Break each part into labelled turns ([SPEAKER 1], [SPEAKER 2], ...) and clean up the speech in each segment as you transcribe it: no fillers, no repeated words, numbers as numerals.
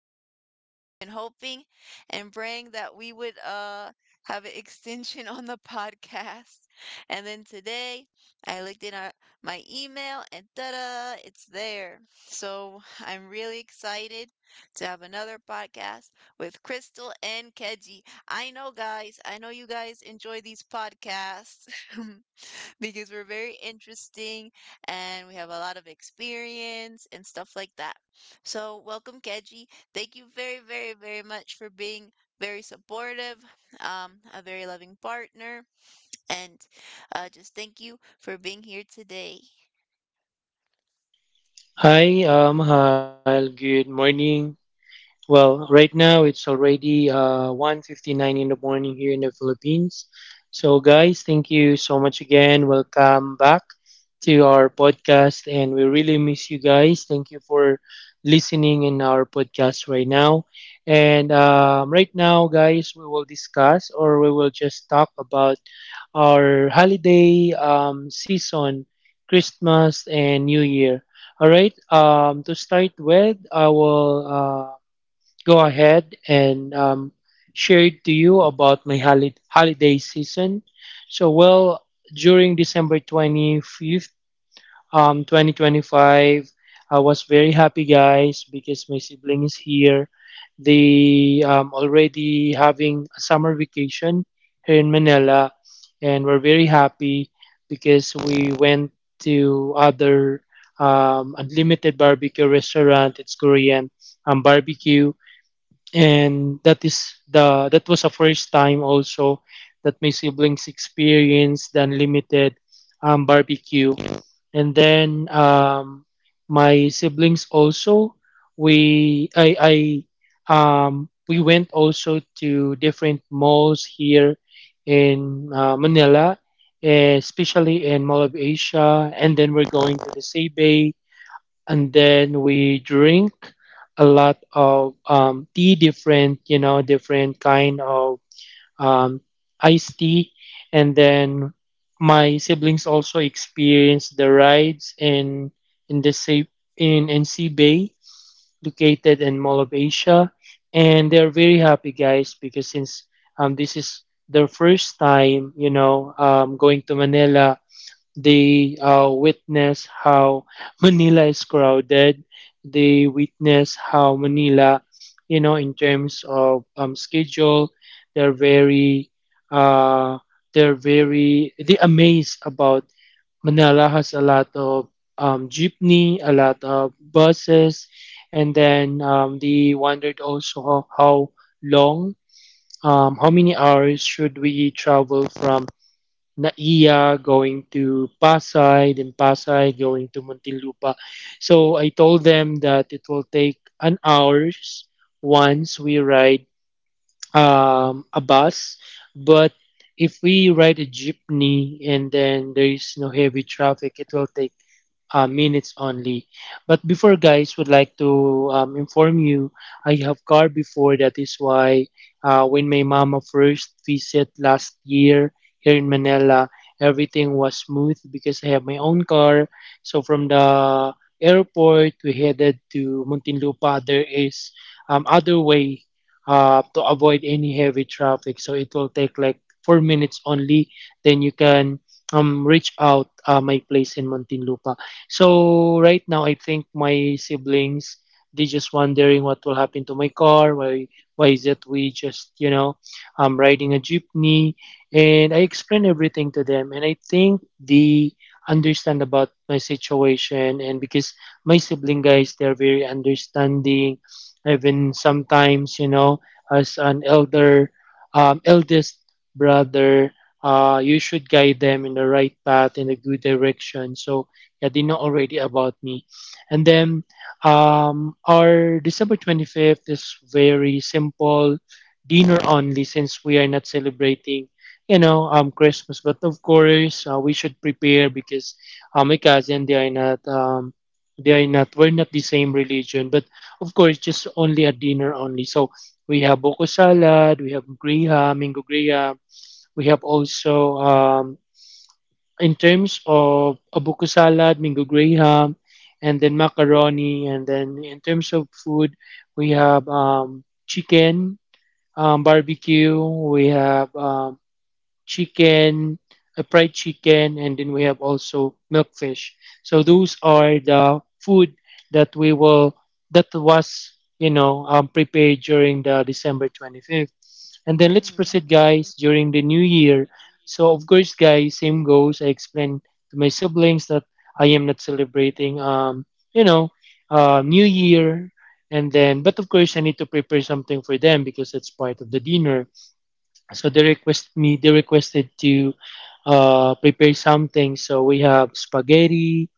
[SPEAKER 1] we've been hoping and praying that we would have an extension on the podcast. And then today I looked in my email and ta-da, it's there. So I'm really excited to have another podcast with Crystal and Keji. I know, guys, I know you guys enjoy these podcasts. Because we're very interesting and we have a lot of experience and stuff like that. So, welcome, Keji. Thank you very, very, very much for being very supportive, a very loving partner, and just thank you for being here today.
[SPEAKER 2] Hi, Hal. Good morning. Well, right now it's already 1:59 in the morning here in the Philippines. So, guys, thank you so much again. Welcome back to our podcast, and we really miss you guys. Thank you for listening in our podcast right now. And right now, guys, we will discuss or we will just talk about our holiday season, Christmas and New Year. All right. To start with, I will. Go ahead and share it to you about my holiday season. So, well, during December 25th, 2025, I was very happy, guys, because my sibling is here. They already having a summer vacation here in Manila, and we're very happy because we went to other unlimited barbecue restaurant. It's Korean barbecue, and that was the first time also that my siblings experienced the unlimited barbecue. And then my siblings also, we I we went also to different malls here in Manila, eh, especially in Mall of Asia, and then we're going to the Sebay, and then we drink a lot of tea, different different kind of um, iced tea, and then my siblings also experienced the rides in the sea in NC Bay, located in Mall of Asia, and they're very happy, guys, because since this is their first time, going to Manila. They witness how Manila is crowded. They witness how Manila, you know, in terms of schedule, they're very, uh, they're they amazed about Manila has a lot of jeepney, a lot of buses, and then they wondered also how long, how many hours should we travel from Naiya going to Pasay, then Pasay going to Muntinlupa. So I told them that it will take an hours once we ride a bus. But if we ride a jeepney and then there is no heavy traffic, it will take minutes only. But before, guys, would like to inform you, I have car before. That is why when my mama first visit last year here in Manila, everything was smooth because I have my own car. So from the airport, we headed to Muntinlupa. There is other way to avoid any heavy traffic. So it will take like 4 minutes only. Then you can reach out my place in Muntinlupa. So right now, I think my siblings, they just wondering what will happen to my car. Why is it we just I'm riding a jeepney, and I explain everything to them, and I think they understand about my situation. And because my sibling, guys, they're very understanding, even sometimes, you know, as an elder, eldest brother. You should guide them in the right path in a good direction. So yeah, they know already about me. And then our December 25th is very simple dinner only, since we are not celebrating, Christmas. But of course, we should prepare because my cousin, they are not, we're not the same religion. But of course, just only a dinner only. So we have boko salad, we have griha, mango griha. We have also, in terms of abuko salad, mango graham, and then macaroni, and then in terms of food, we have chicken, barbecue, we have chicken, a fried chicken, and then we have also milkfish. So those are the food that we will that was, prepared during the December 25th. And then let's
[SPEAKER 1] Mm.
[SPEAKER 2] proceed, guys, during the new year. So of course, guys, same goes. I explained to my siblings that I am not celebrating you know New Year, and then but of course I need to prepare something for them because it's part of the dinner. So they requested to prepare something. So we have spaghetti,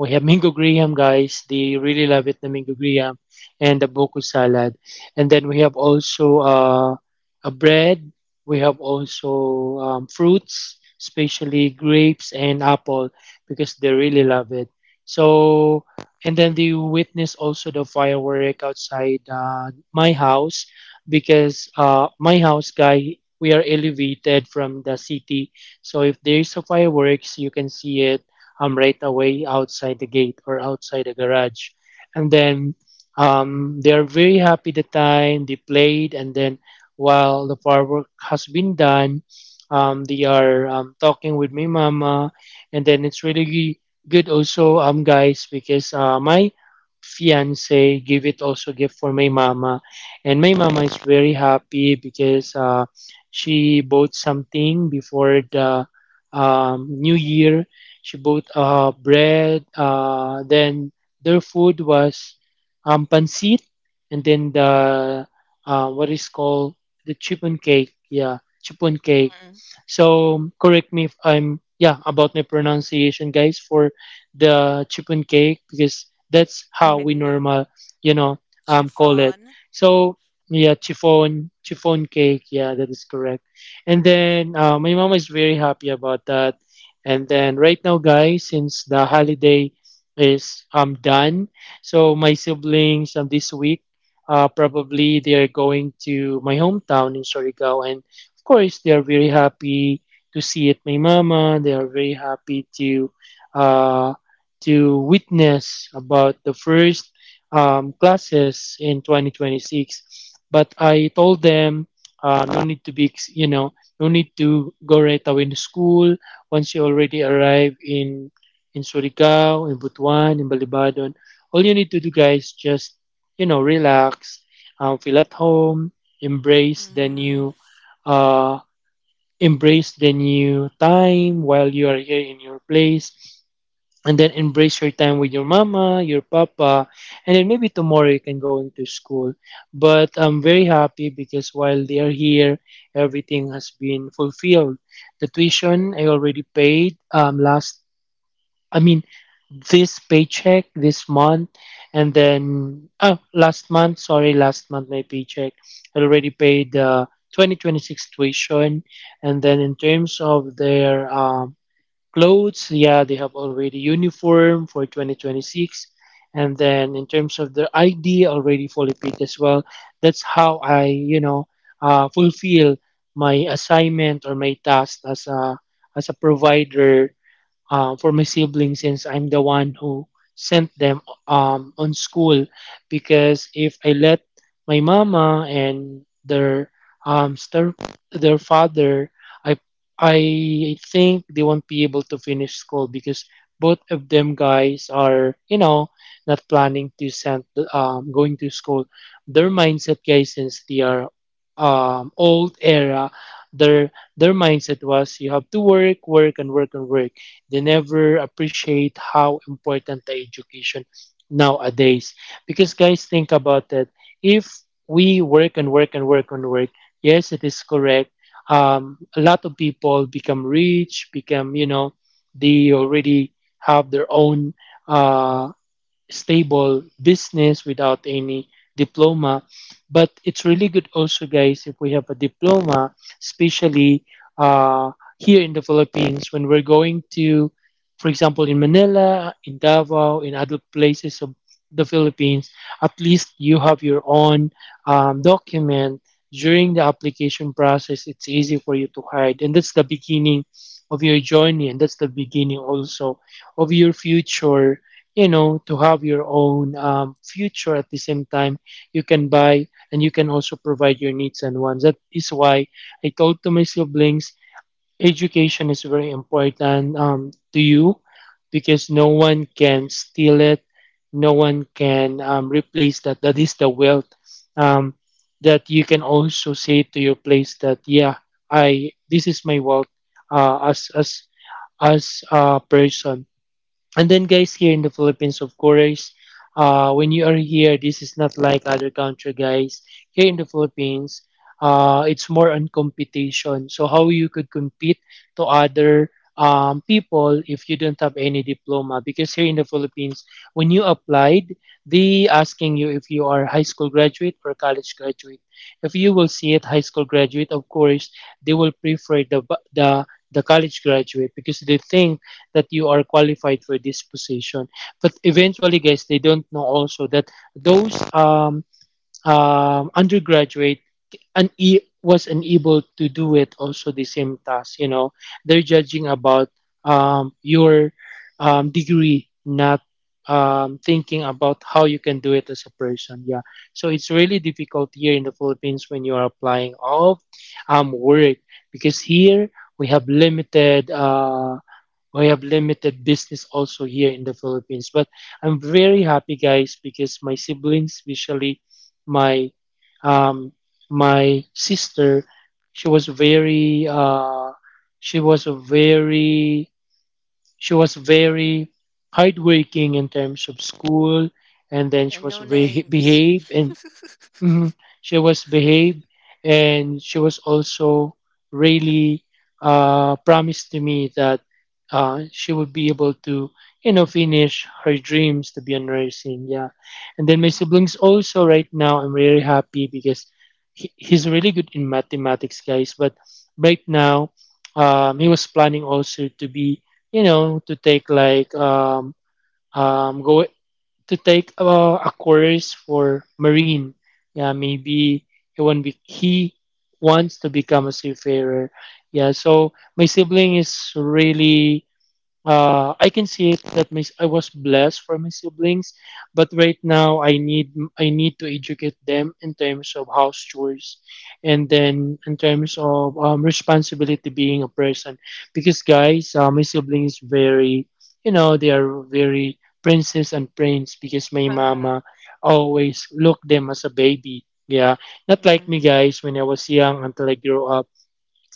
[SPEAKER 2] we have mango graham, guys. They really love it, the mango graham and the boku salad. And then we have also a bread. We have also fruits, especially grapes and apple, because they really love it. So, and then they witness also the firework outside my house, because my house, guy, we are elevated from the city. So if there is a fireworks, you can see it right away outside the gate or outside the garage. And then they are very happy the time they played. And then while the firework has been done, they are talking with my mama. And then it's really good also, guys, because my fiance gave it also gift for my mama, and my mama is very happy because she bought something before the new year. She bought bread. Then their food was pancit, and then the what is called the chipon cake. Yeah, chipon cake. So correct me if I'm yeah about my pronunciation, guys, for the chipon cake, because that's how we
[SPEAKER 1] Mm.
[SPEAKER 2] normal, you know call it.
[SPEAKER 1] Chiffon.
[SPEAKER 2] So yeah, chiffon cake. Yeah, that is correct. And then my mom is very happy about that. And then right now, guys, since the holiday is done, so my siblings this week, probably they are going to my hometown in Surigao, and of course they are very happy to see it. My mama, they are very happy to uh witness about the first classes in 2026. But I told them no need to be no need to go right away to school once you already arrive in Surigao, in Butuan, in Balibadon. All you need to do, guys, just you know, relax, feel at home, embrace the
[SPEAKER 1] Hmm.
[SPEAKER 2] uh, embrace the new time while you are here in your place, and then embrace your time with your mama, your papa, and then maybe tomorrow you can go into school. But I'm very happy because while they are here, everything has been fulfilled. The tuition I already paid last I mean this paycheck this month, and then oh last month sorry last month my paycheck I already paid the 2026 tuition. And then in terms of their clothes, yeah, they have already uniform for 2026. And then in terms of their ID, already fully paid as well. That's how I, fulfill my assignment or my task as a provider for my siblings, since I'm the one who sent them on school. Because if I let my mama and their um, star, their father, I I think they won't be able to finish school because both of them, guys, are, you know, not planning to send going to school. Their mindset, guys, since they are old era, their their mindset was you have to work, work, and work and work. They never appreciate how important the education nowadays. Because guys, think about it. If we work and work and work and work, yes, it is correct. A lot of people become rich, become you know, they already have their own uh, stable business without any diploma. But it's really good also, guys, if we have a diploma, especially uh, here in the Philippines, when we're going to, for example, in Manila, in Davao, in other places of the Philippines, at least you have your own document during the application process. It's easy for you to hide, and that's the beginning of your journey, and that's the beginning also of your future, you know, to have your own future. At the same time, you can buy and you can also provide your needs and wants. That is why I told to my siblings, education is very important to you, because no one can steal it, no one can replace that. That is the wealth um, that you can also say to your place that, yeah, I this is my wealth uh, as as as a person. And then, guys, here in the Philippines, of course, when you are here, this is not like other country, guys. Here in the Philippines, it's more on competition. So how you could compete to other people if you don't have any diploma? Because here in the Philippines, when you applied, they asking you if you are high school graduate or college graduate. If you will see it, high school graduate, of course, they will prefer the the college graduate because they think that you are qualified for this position. But eventually, guys, they don't know also that those undergraduate and was unable to do it also the same task. They're judging about your degree, not thinking about how you can do it as a person. Yeah. So it's really difficult here in the Philippines when you are applying all of work because here we have limited, we have limited business also here in the Philippines. But I'm very happy, guys, because my siblings, especially my um, my sister, she was very uh, she was a very, she was very, hardworking in terms of school, and then she
[SPEAKER 1] And
[SPEAKER 2] was
[SPEAKER 1] no
[SPEAKER 2] very
[SPEAKER 1] names.
[SPEAKER 2] behave and Mhm. She was behaved, and she was also really promised to me that she would be able to, you know, finish her dreams to be a nursing. Yeah, and then my siblings also right now. I'm really happy because he's really good in mathematics, guys. But right now, he was planning also to be, you know, to take like go to take a course for marine. Yeah, maybe he wants to become a seafarer. Yeah, so my sibling is really I can see it that I was blessed for my siblings, but right now I need, I need to educate them in terms of house chores, and then in terms of responsibility being a person. Because guys, my siblings very, you know, they are very princess and prince because my
[SPEAKER 1] Mhm.
[SPEAKER 2] mama always looked them as a baby. Yeah, not like
[SPEAKER 1] Mm.
[SPEAKER 2] me guys when I was young until I grew up.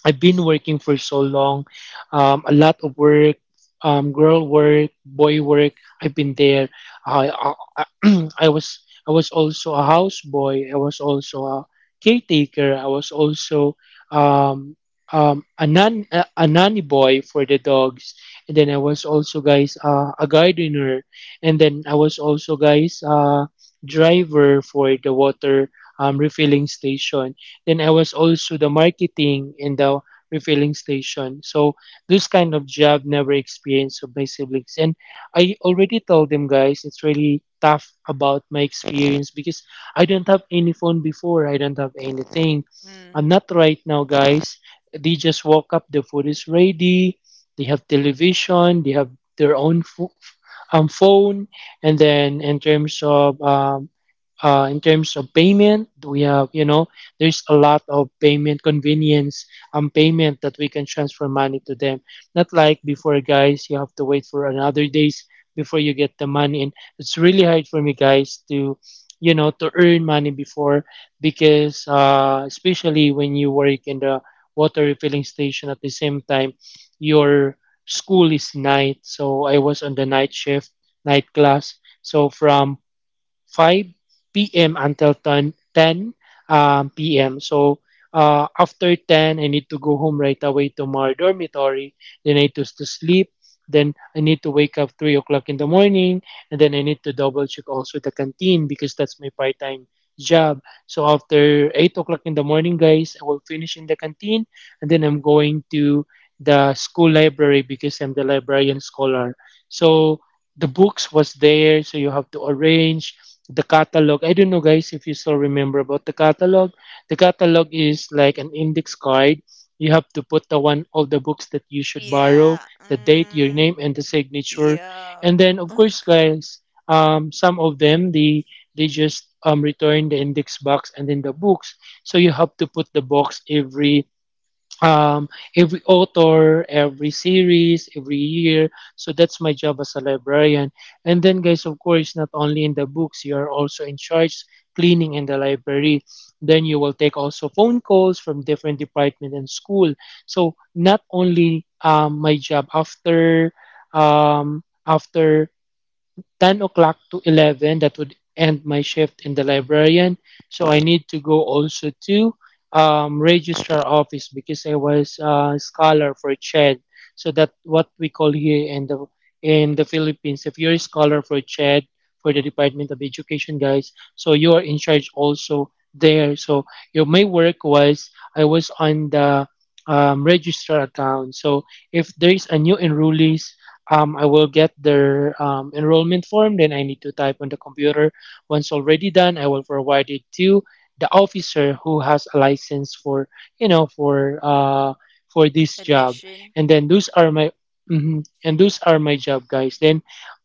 [SPEAKER 2] I've been working for so long, a lot of work, girl work, boy work. I've been there. I, I, I was, I was also a houseboy. I was also a caretaker. I was also um, a nanny boy for the dogs. And then I was also guys a gardener. And then I was also guys driver for the water refilling station. Then I was also the marketing in the refilling station. So this kind of job never experienced of my siblings. And I already told them guys it's really tough about my experience because I don't have any phone before. I don't have anything. I'm
[SPEAKER 1] Mm.
[SPEAKER 2] not right now guys. They just woke up, the food is ready, they have television, they have their own phone, and then in terms of payment, we have, you know, there's a lot of payment convenience and payment that we can transfer money to them, not like before guys. You have to wait for another days before you get the money, and it's really hard for me guys to, you know, to earn money before because especially when you work in the water refilling station at the same time, your school is night, so I was on the night shift, night class, so from 5 p.m. until 10 p.m. So after 10, I need to go home right away to my dormitory. Then I need to sleep. Then I need to wake up 3 o'clock in the morning. And then I need to double check also the canteen because that's my part time job. So after 8 o'clock in the morning, guys, I will finish in the canteen. And then I'm going to the school library because I'm the librarian scholar. So the books was there, so you have to arrange the catalog. I don't know, guys, if you still remember about the catalog. The catalog is like an index card. You have to put the one all the books that you should borrow,
[SPEAKER 1] Yeah.
[SPEAKER 2] the date, your
[SPEAKER 1] Hmm.
[SPEAKER 2] name, and the signature.
[SPEAKER 1] Yeah.
[SPEAKER 2] And then, of course, guys, some of them, they just return the index box and then the books. So you have to put the box um, every author, every series, every year. So that's my job as a librarian. And then, guys, of course, not only in the books, you are also in charge cleaning in the library. Then you will take also phone calls from different department and school. So not only my job after after 10 o'clock to 11 that would end my shift in the librarian, so I need to go also to registrar office because I was a scholar for CHED. So that what we call here in the Philippines. If you're a scholar for CHED, for the Department of Education, guys, so you are in charge also there. So your my work was I was on the registrar account. So if there is a new enrollees, I will get their enrollment form. Then I need to type on the computer. Once already done, I will forward it to the officer who has a license for, you know, for this job.
[SPEAKER 1] Admission.
[SPEAKER 2] And then those are my mhm. And those are my job, guys. Then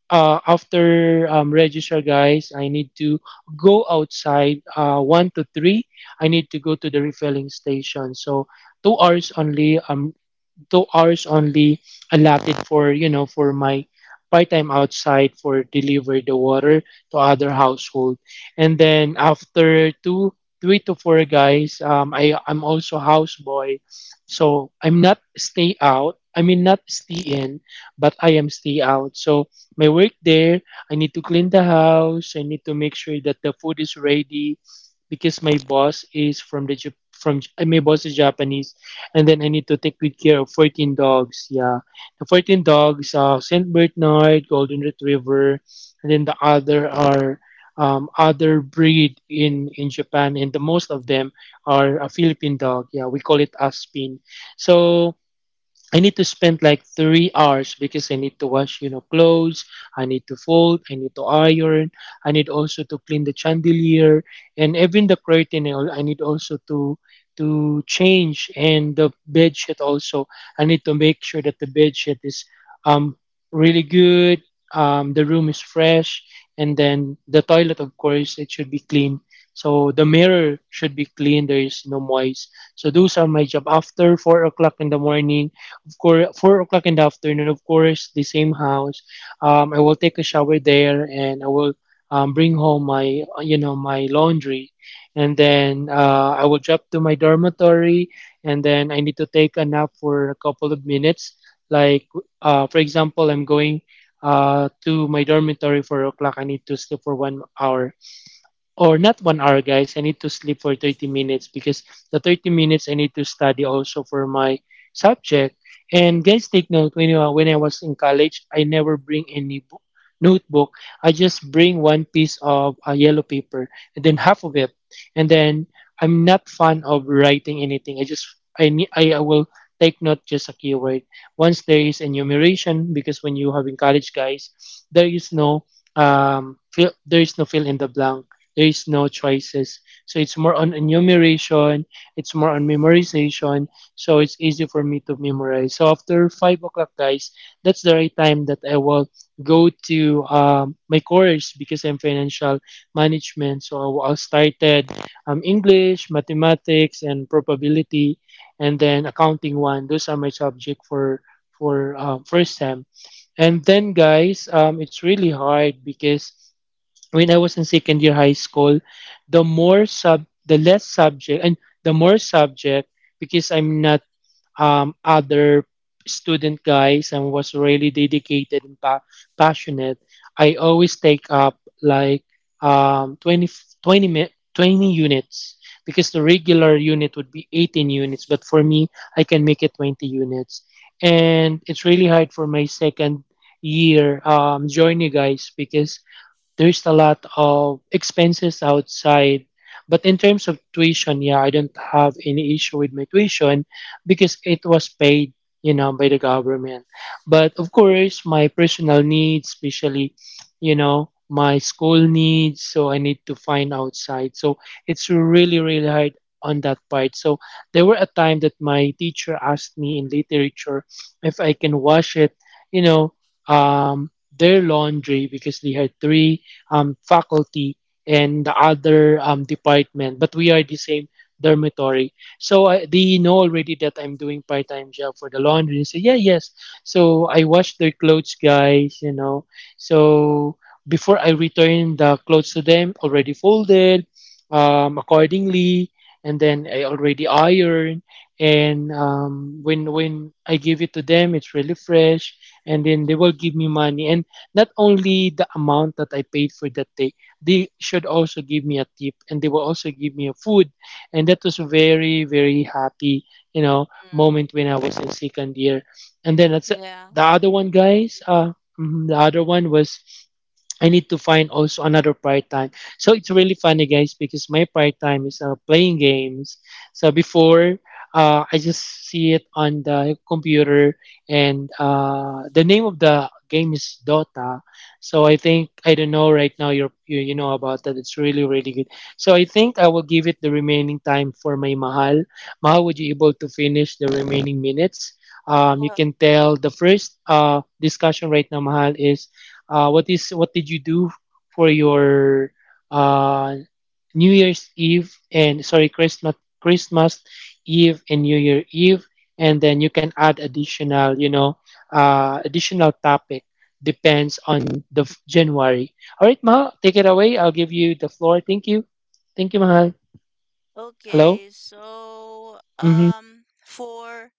[SPEAKER 2] after register, guys, I need to go outside one to three. I need to go to the refilling station. So 2 hours only. Though hours only allotted for, you know, for my part-time outside for deliver the water to other household. And then after 2, 3 to four guys, I'm also houseboy. So I'm not stay out, I mean not stay in, but I am stay out. So my work there, I need to clean the house. I need to make sure that the food is ready because my boss is from the Jap- from J- my boss is Japanese. And then I need to take good care of 14 dogs. Yeah, the 14 dogs, Saint Bernard, Golden Retriever, and then the other are other breed in Japan, and the most of them are a Philippine dog. Yeah, we call it Aspin. So. I need to spend like 3 hours because I need to wash, you know, clothes. I need to fold. I need to iron. I need also to clean the chandelier and even the curtain. I need also to change and the bed sheet also. I need to make sure that the bed sheet is um really good. The room is fresh, and then the toilet, of course, it should be clean. So the mirror should be clean. There is no moist. So those are my job after 4 o'clock in the morning, of course, 4 o'clock in the afternoon. Of course, the same house. I will take a shower there, and I will bring home my, you know, my laundry, and then I will drop to my dormitory, and then I need to take a nap for a couple of minutes. Like, for example, I'm going to my dormitory 4 o'clock. I need to sleep for 1 hour, or not 1 hour guys, I need to sleep for 30 minutes because the 30 minutes I need to study also for my subject. And guys, take note, when I was in college, I never bring any notebook. I just bring one piece of yellow paper, and then half of it. And then I'm not fond of writing anything. I just I need I will take note just a keyword once there is enumeration, because when you have in college guys, there is no fill there is no fill in the blank, there is no choices. So it's more on enumeration, it's more on memorization. So it's easy for me to memorize. So after 5 o'clock, guys, that's the right time that I will go to my course because I'm financial management. So I started English, mathematics, and probability, and then accounting one. Those are my subject for first sem. And then, guys, it's really hard because when I was in second year high school, the less subject, and the more subject because I'm not other student guys, and was really dedicated and passionate. I always take up like twenty twenty 20 20 units because the regular unit would be 18 units, but for me, I can make it 20 units. And it's really hard for my second year journey guys, because there's a lot of expenses outside. But in terms of tuition, yeah, I don't have any issue with my tuition because it was paid, you know, by the government. But of course, my personal needs, especially, you know, my school needs, so I need to find outside. So it's really, really hard on that part. So there were a time that my teacher asked me in literature if I can wash it, you know, um, their laundry because they had three faculty and the other department, but we are the same dormitory. So they know already that I'm doing part-time job for the laundry. So yeah, yes. So I wash their clothes, guys. You know, so before I return the clothes to them, already folded accordingly, and then I already iron. And when I give it to them, it's really fresh, and then they will give me money. And not only the amount that I paid for that day, they should also give me a tip, and they will also give me a food. And that was very, very happy, you know,
[SPEAKER 1] Mm.
[SPEAKER 2] moment when I was in second year. And then that's the
[SPEAKER 1] Yeah.
[SPEAKER 2] other one, guys. Mhm, the other one was I need to find also another part time. So it's really funny, guys, because my part time is playing games. So before, I just see it on the computer, and the name of the game is Dota. So I think, I don't know right now. You know about that. It's really really good. So I think I will give it the remaining time for my Mahal. Mahal, would you able to finish the remaining minutes? You
[SPEAKER 1] Uh,
[SPEAKER 2] can tell the first discussion right now, Mahal, is what did you do for your uh, New Year's Eve, and sorry, Christmas Eve and New Year Eve, and then you can add additional, you know, additional topic depends on the January. All right, Mahal, take it away. I'll give you the floor. Thank you. Thank you, Mahal. Hello.
[SPEAKER 1] okay, so
[SPEAKER 2] Mm-hmm.
[SPEAKER 1] for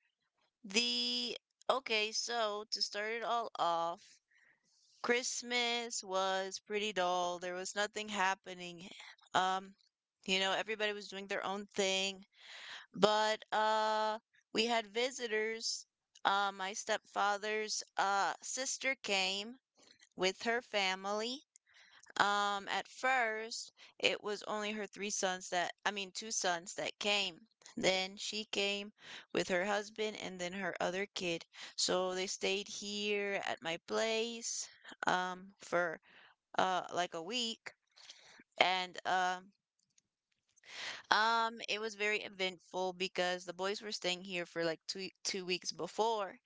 [SPEAKER 1] the okay, so to start it all off, Christmas was pretty dull. There was nothing happening. Um, you know, everybody was doing their own thing, but we had visitors. My stepfather's sister came with her family. At first, it was only her three sons I mean, two sons that came. Then she came with her husband and then her other kid. So they stayed here at my place, for like a week. And It was very eventful because the boys were staying here for like two two weeks before,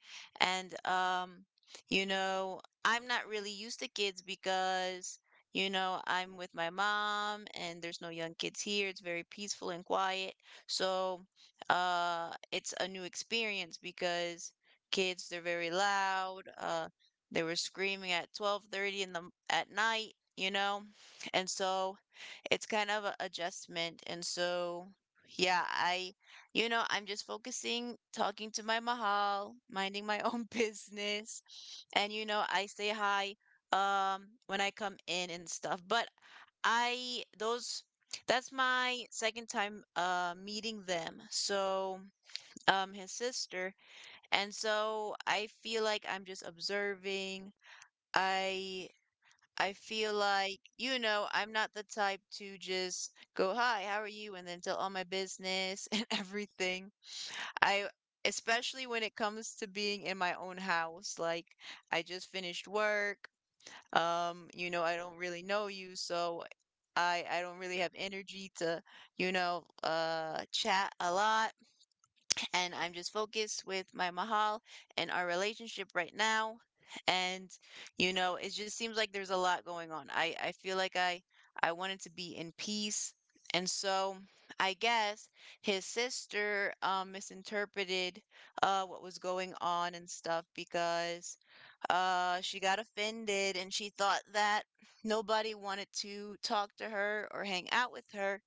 [SPEAKER 1] and you know, I'm not really used to kids because you know I'm with my mom and there's no young kids here. It's very peaceful and quiet, so it's a new experience because kids they're very loud. They were screaming at 12:30 in the at night, you know, and so it's kind of a adjustment. And so, yeah, you know, I'm just focusing, talking to my mahal, minding my own business. And, you know, I say hi when I come in and stuff. But I, those, that's my second time meeting them. So, um, his sister. And so I feel like I'm just observing. I I feel like, you know, I'm not the type to just go, "Hi, how are you?" and then tell all my business and everything. I especially when it comes to being in my own house, like I just finished work. You know, I don't really know you, so I don't really have energy to, you know, chat a lot and I'm just focused with my Mahal and our relationship right now. And you know, it just seems like there's a lot going on. I feel like I wanted to be in peace. And so I guess his sister misinterpreted what was going on and stuff because she got offended and she thought that nobody wanted to talk to her or hang out with her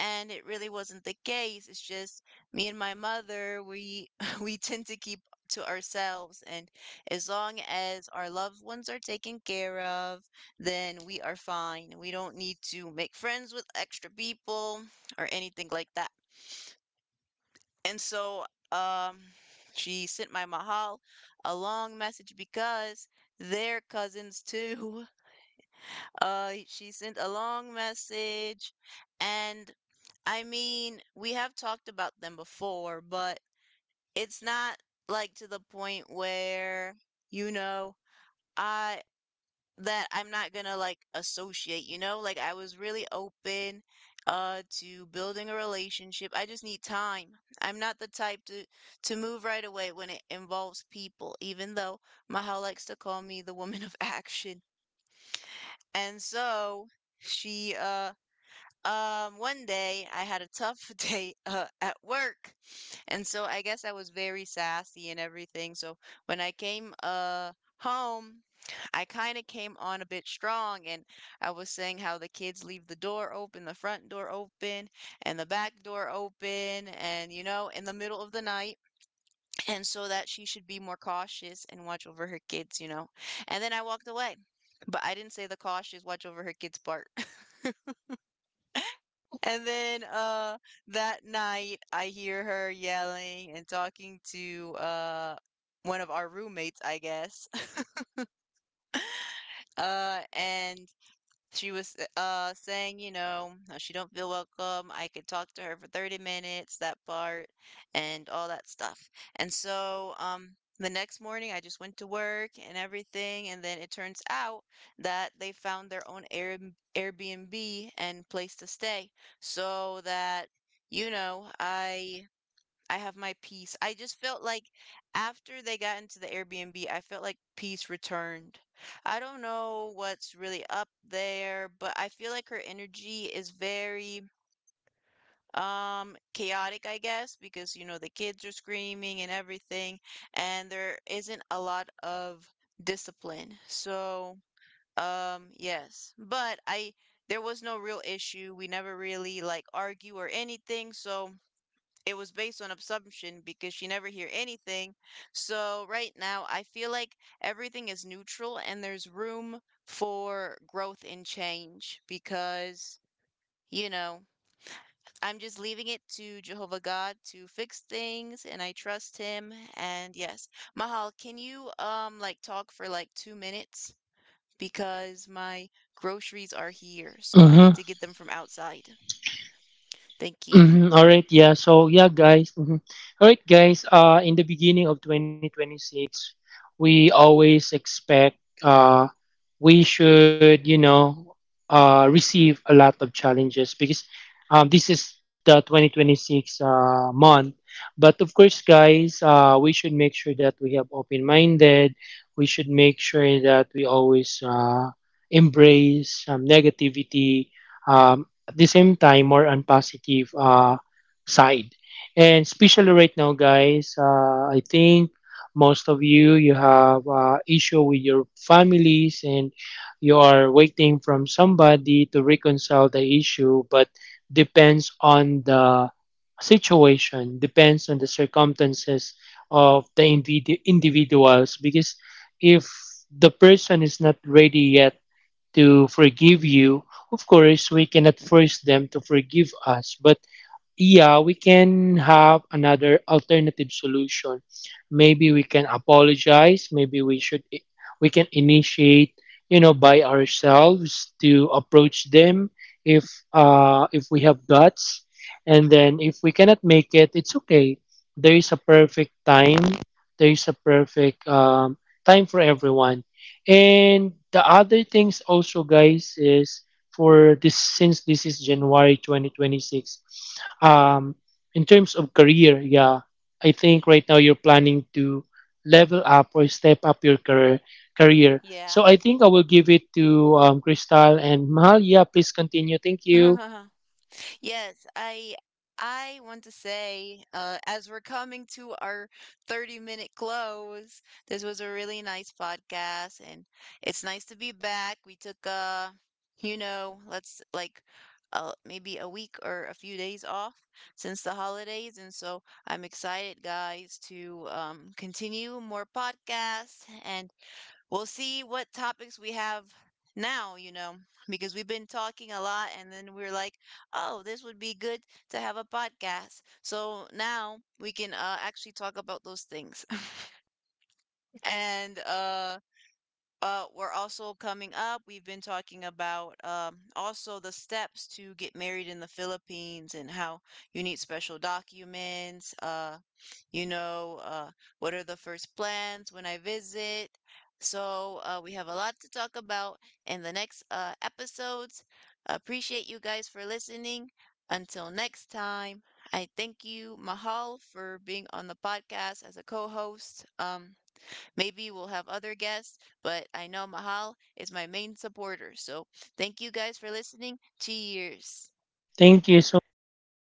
[SPEAKER 1] and it really wasn't the case. It's just me and my mother, we we tend to keep to ourselves and as long as our loved ones are taken care of, then we are fine. We don't need to make friends with extra people or anything like that. And so um she sent my mahal a long message because they're cousins too. She sent a long message and I mean, we have talked about them before, but it's not like to the point where, you know, I that I'm not gonna like associate, you know? Like I was really open to building a relationship. I just need time. I'm not the type to move right away when it involves people, even though Mahal likes to call me the woman of action. And so she One day I had a tough day at work, and so I guess I was very sassy and everything. So when I came home, I kind of came on a bit strong, and I was saying how the kids leave the door open, the front door open, and the back door open, and you know, in the middle of the night, and so that she should be more cautious and watch over her kids, you know. And then I walked away, but I didn't say the cautious watch over her kids part. And then that night I hear her yelling and talking to one of our roommates, I guess. And she was saying, you know, how she don't feel welcome. I could talk to her for 30 minutes, that part, and all that stuff. And so, the next morning I just went to work and everything, and then it turns out that they found their own Airbnb and place to stay. So that, you know, I have my peace. I just felt like after they got into the Airbnb, I felt like peace returned. I don't know what's really up there, but I feel like her energy is very chaotic, I guess, because you know the kids are screaming and everything, and there isn't a lot of discipline. So, um, yes, but I there was no real issue. We never really like argue or anything, so it was based on assumption because she never hear anything. So right now, I feel like everything is neutral and there's room for growth and change because, you know, I'm just leaving it to Jehovah God to fix things and I trust him. And yes, Mahal, can you like talk for like 2 minutes because my groceries are here, so I need to
[SPEAKER 2] Mm-hmm.
[SPEAKER 1] get them from outside. Thank you.
[SPEAKER 2] Mhm, all right, yeah. So yeah, guys. Mhm. All right, guys. In the beginning of 2026, we always expect. Uh, we should, you know, receive a lot of challenges because this is the 2026 month. But of course, guys, we should make sure that we have open-minded. We should make sure that we always embrace negativity. At the same time, more on positive side. And especially right now, guys, I think most of you have issue with your families, and you are waiting from somebody to reconcile the issue, but depends on the situation, depends on the circumstances of the individuals, because if the person is not ready yet to forgive you, of course we cannot force them to forgive us. But yeah, we can have another alternative solution. Maybe we can apologize. Maybe we should we can initiate, you know, by ourselves to approach them if we have guts. And then if we cannot make it, it's okay. There is a perfect time. There is a perfect time for everyone. And the other things also guys is, for this, since this is January 2026, Um, in terms of career, yeah, I think right now you're planning to level up or step up your career. Career.
[SPEAKER 1] Yeah.
[SPEAKER 2] So I think I will give it to Crystal and Mahal. Yeah, please continue. Thank you.
[SPEAKER 1] Yes, I I want to say, as we're coming to our 30-minute close, this was a really nice podcast and it's nice to be back. We took you know, let's like maybe a week or a few days off since the holidays, and so I'm excited, guys, to continue more podcasts and we'll see what topics we have now, you know, because we've been talking a lot and then we're like, oh, this would be good to have a podcast. So now we can actually talk about those things. and We're also coming up, we've been talking about also the steps to get married in the Philippines and how you need special documents. You know, what are the first plans when I visit. So we have a lot to talk about in the next episodes. Appreciate you guys for listening. Until next time, I thank you, Mahal, for being on the podcast as a co-host. Maybe we'll have other guests, but I know Mahal is my main supporter. So thank you guys for listening. Cheers.
[SPEAKER 2] Thank you so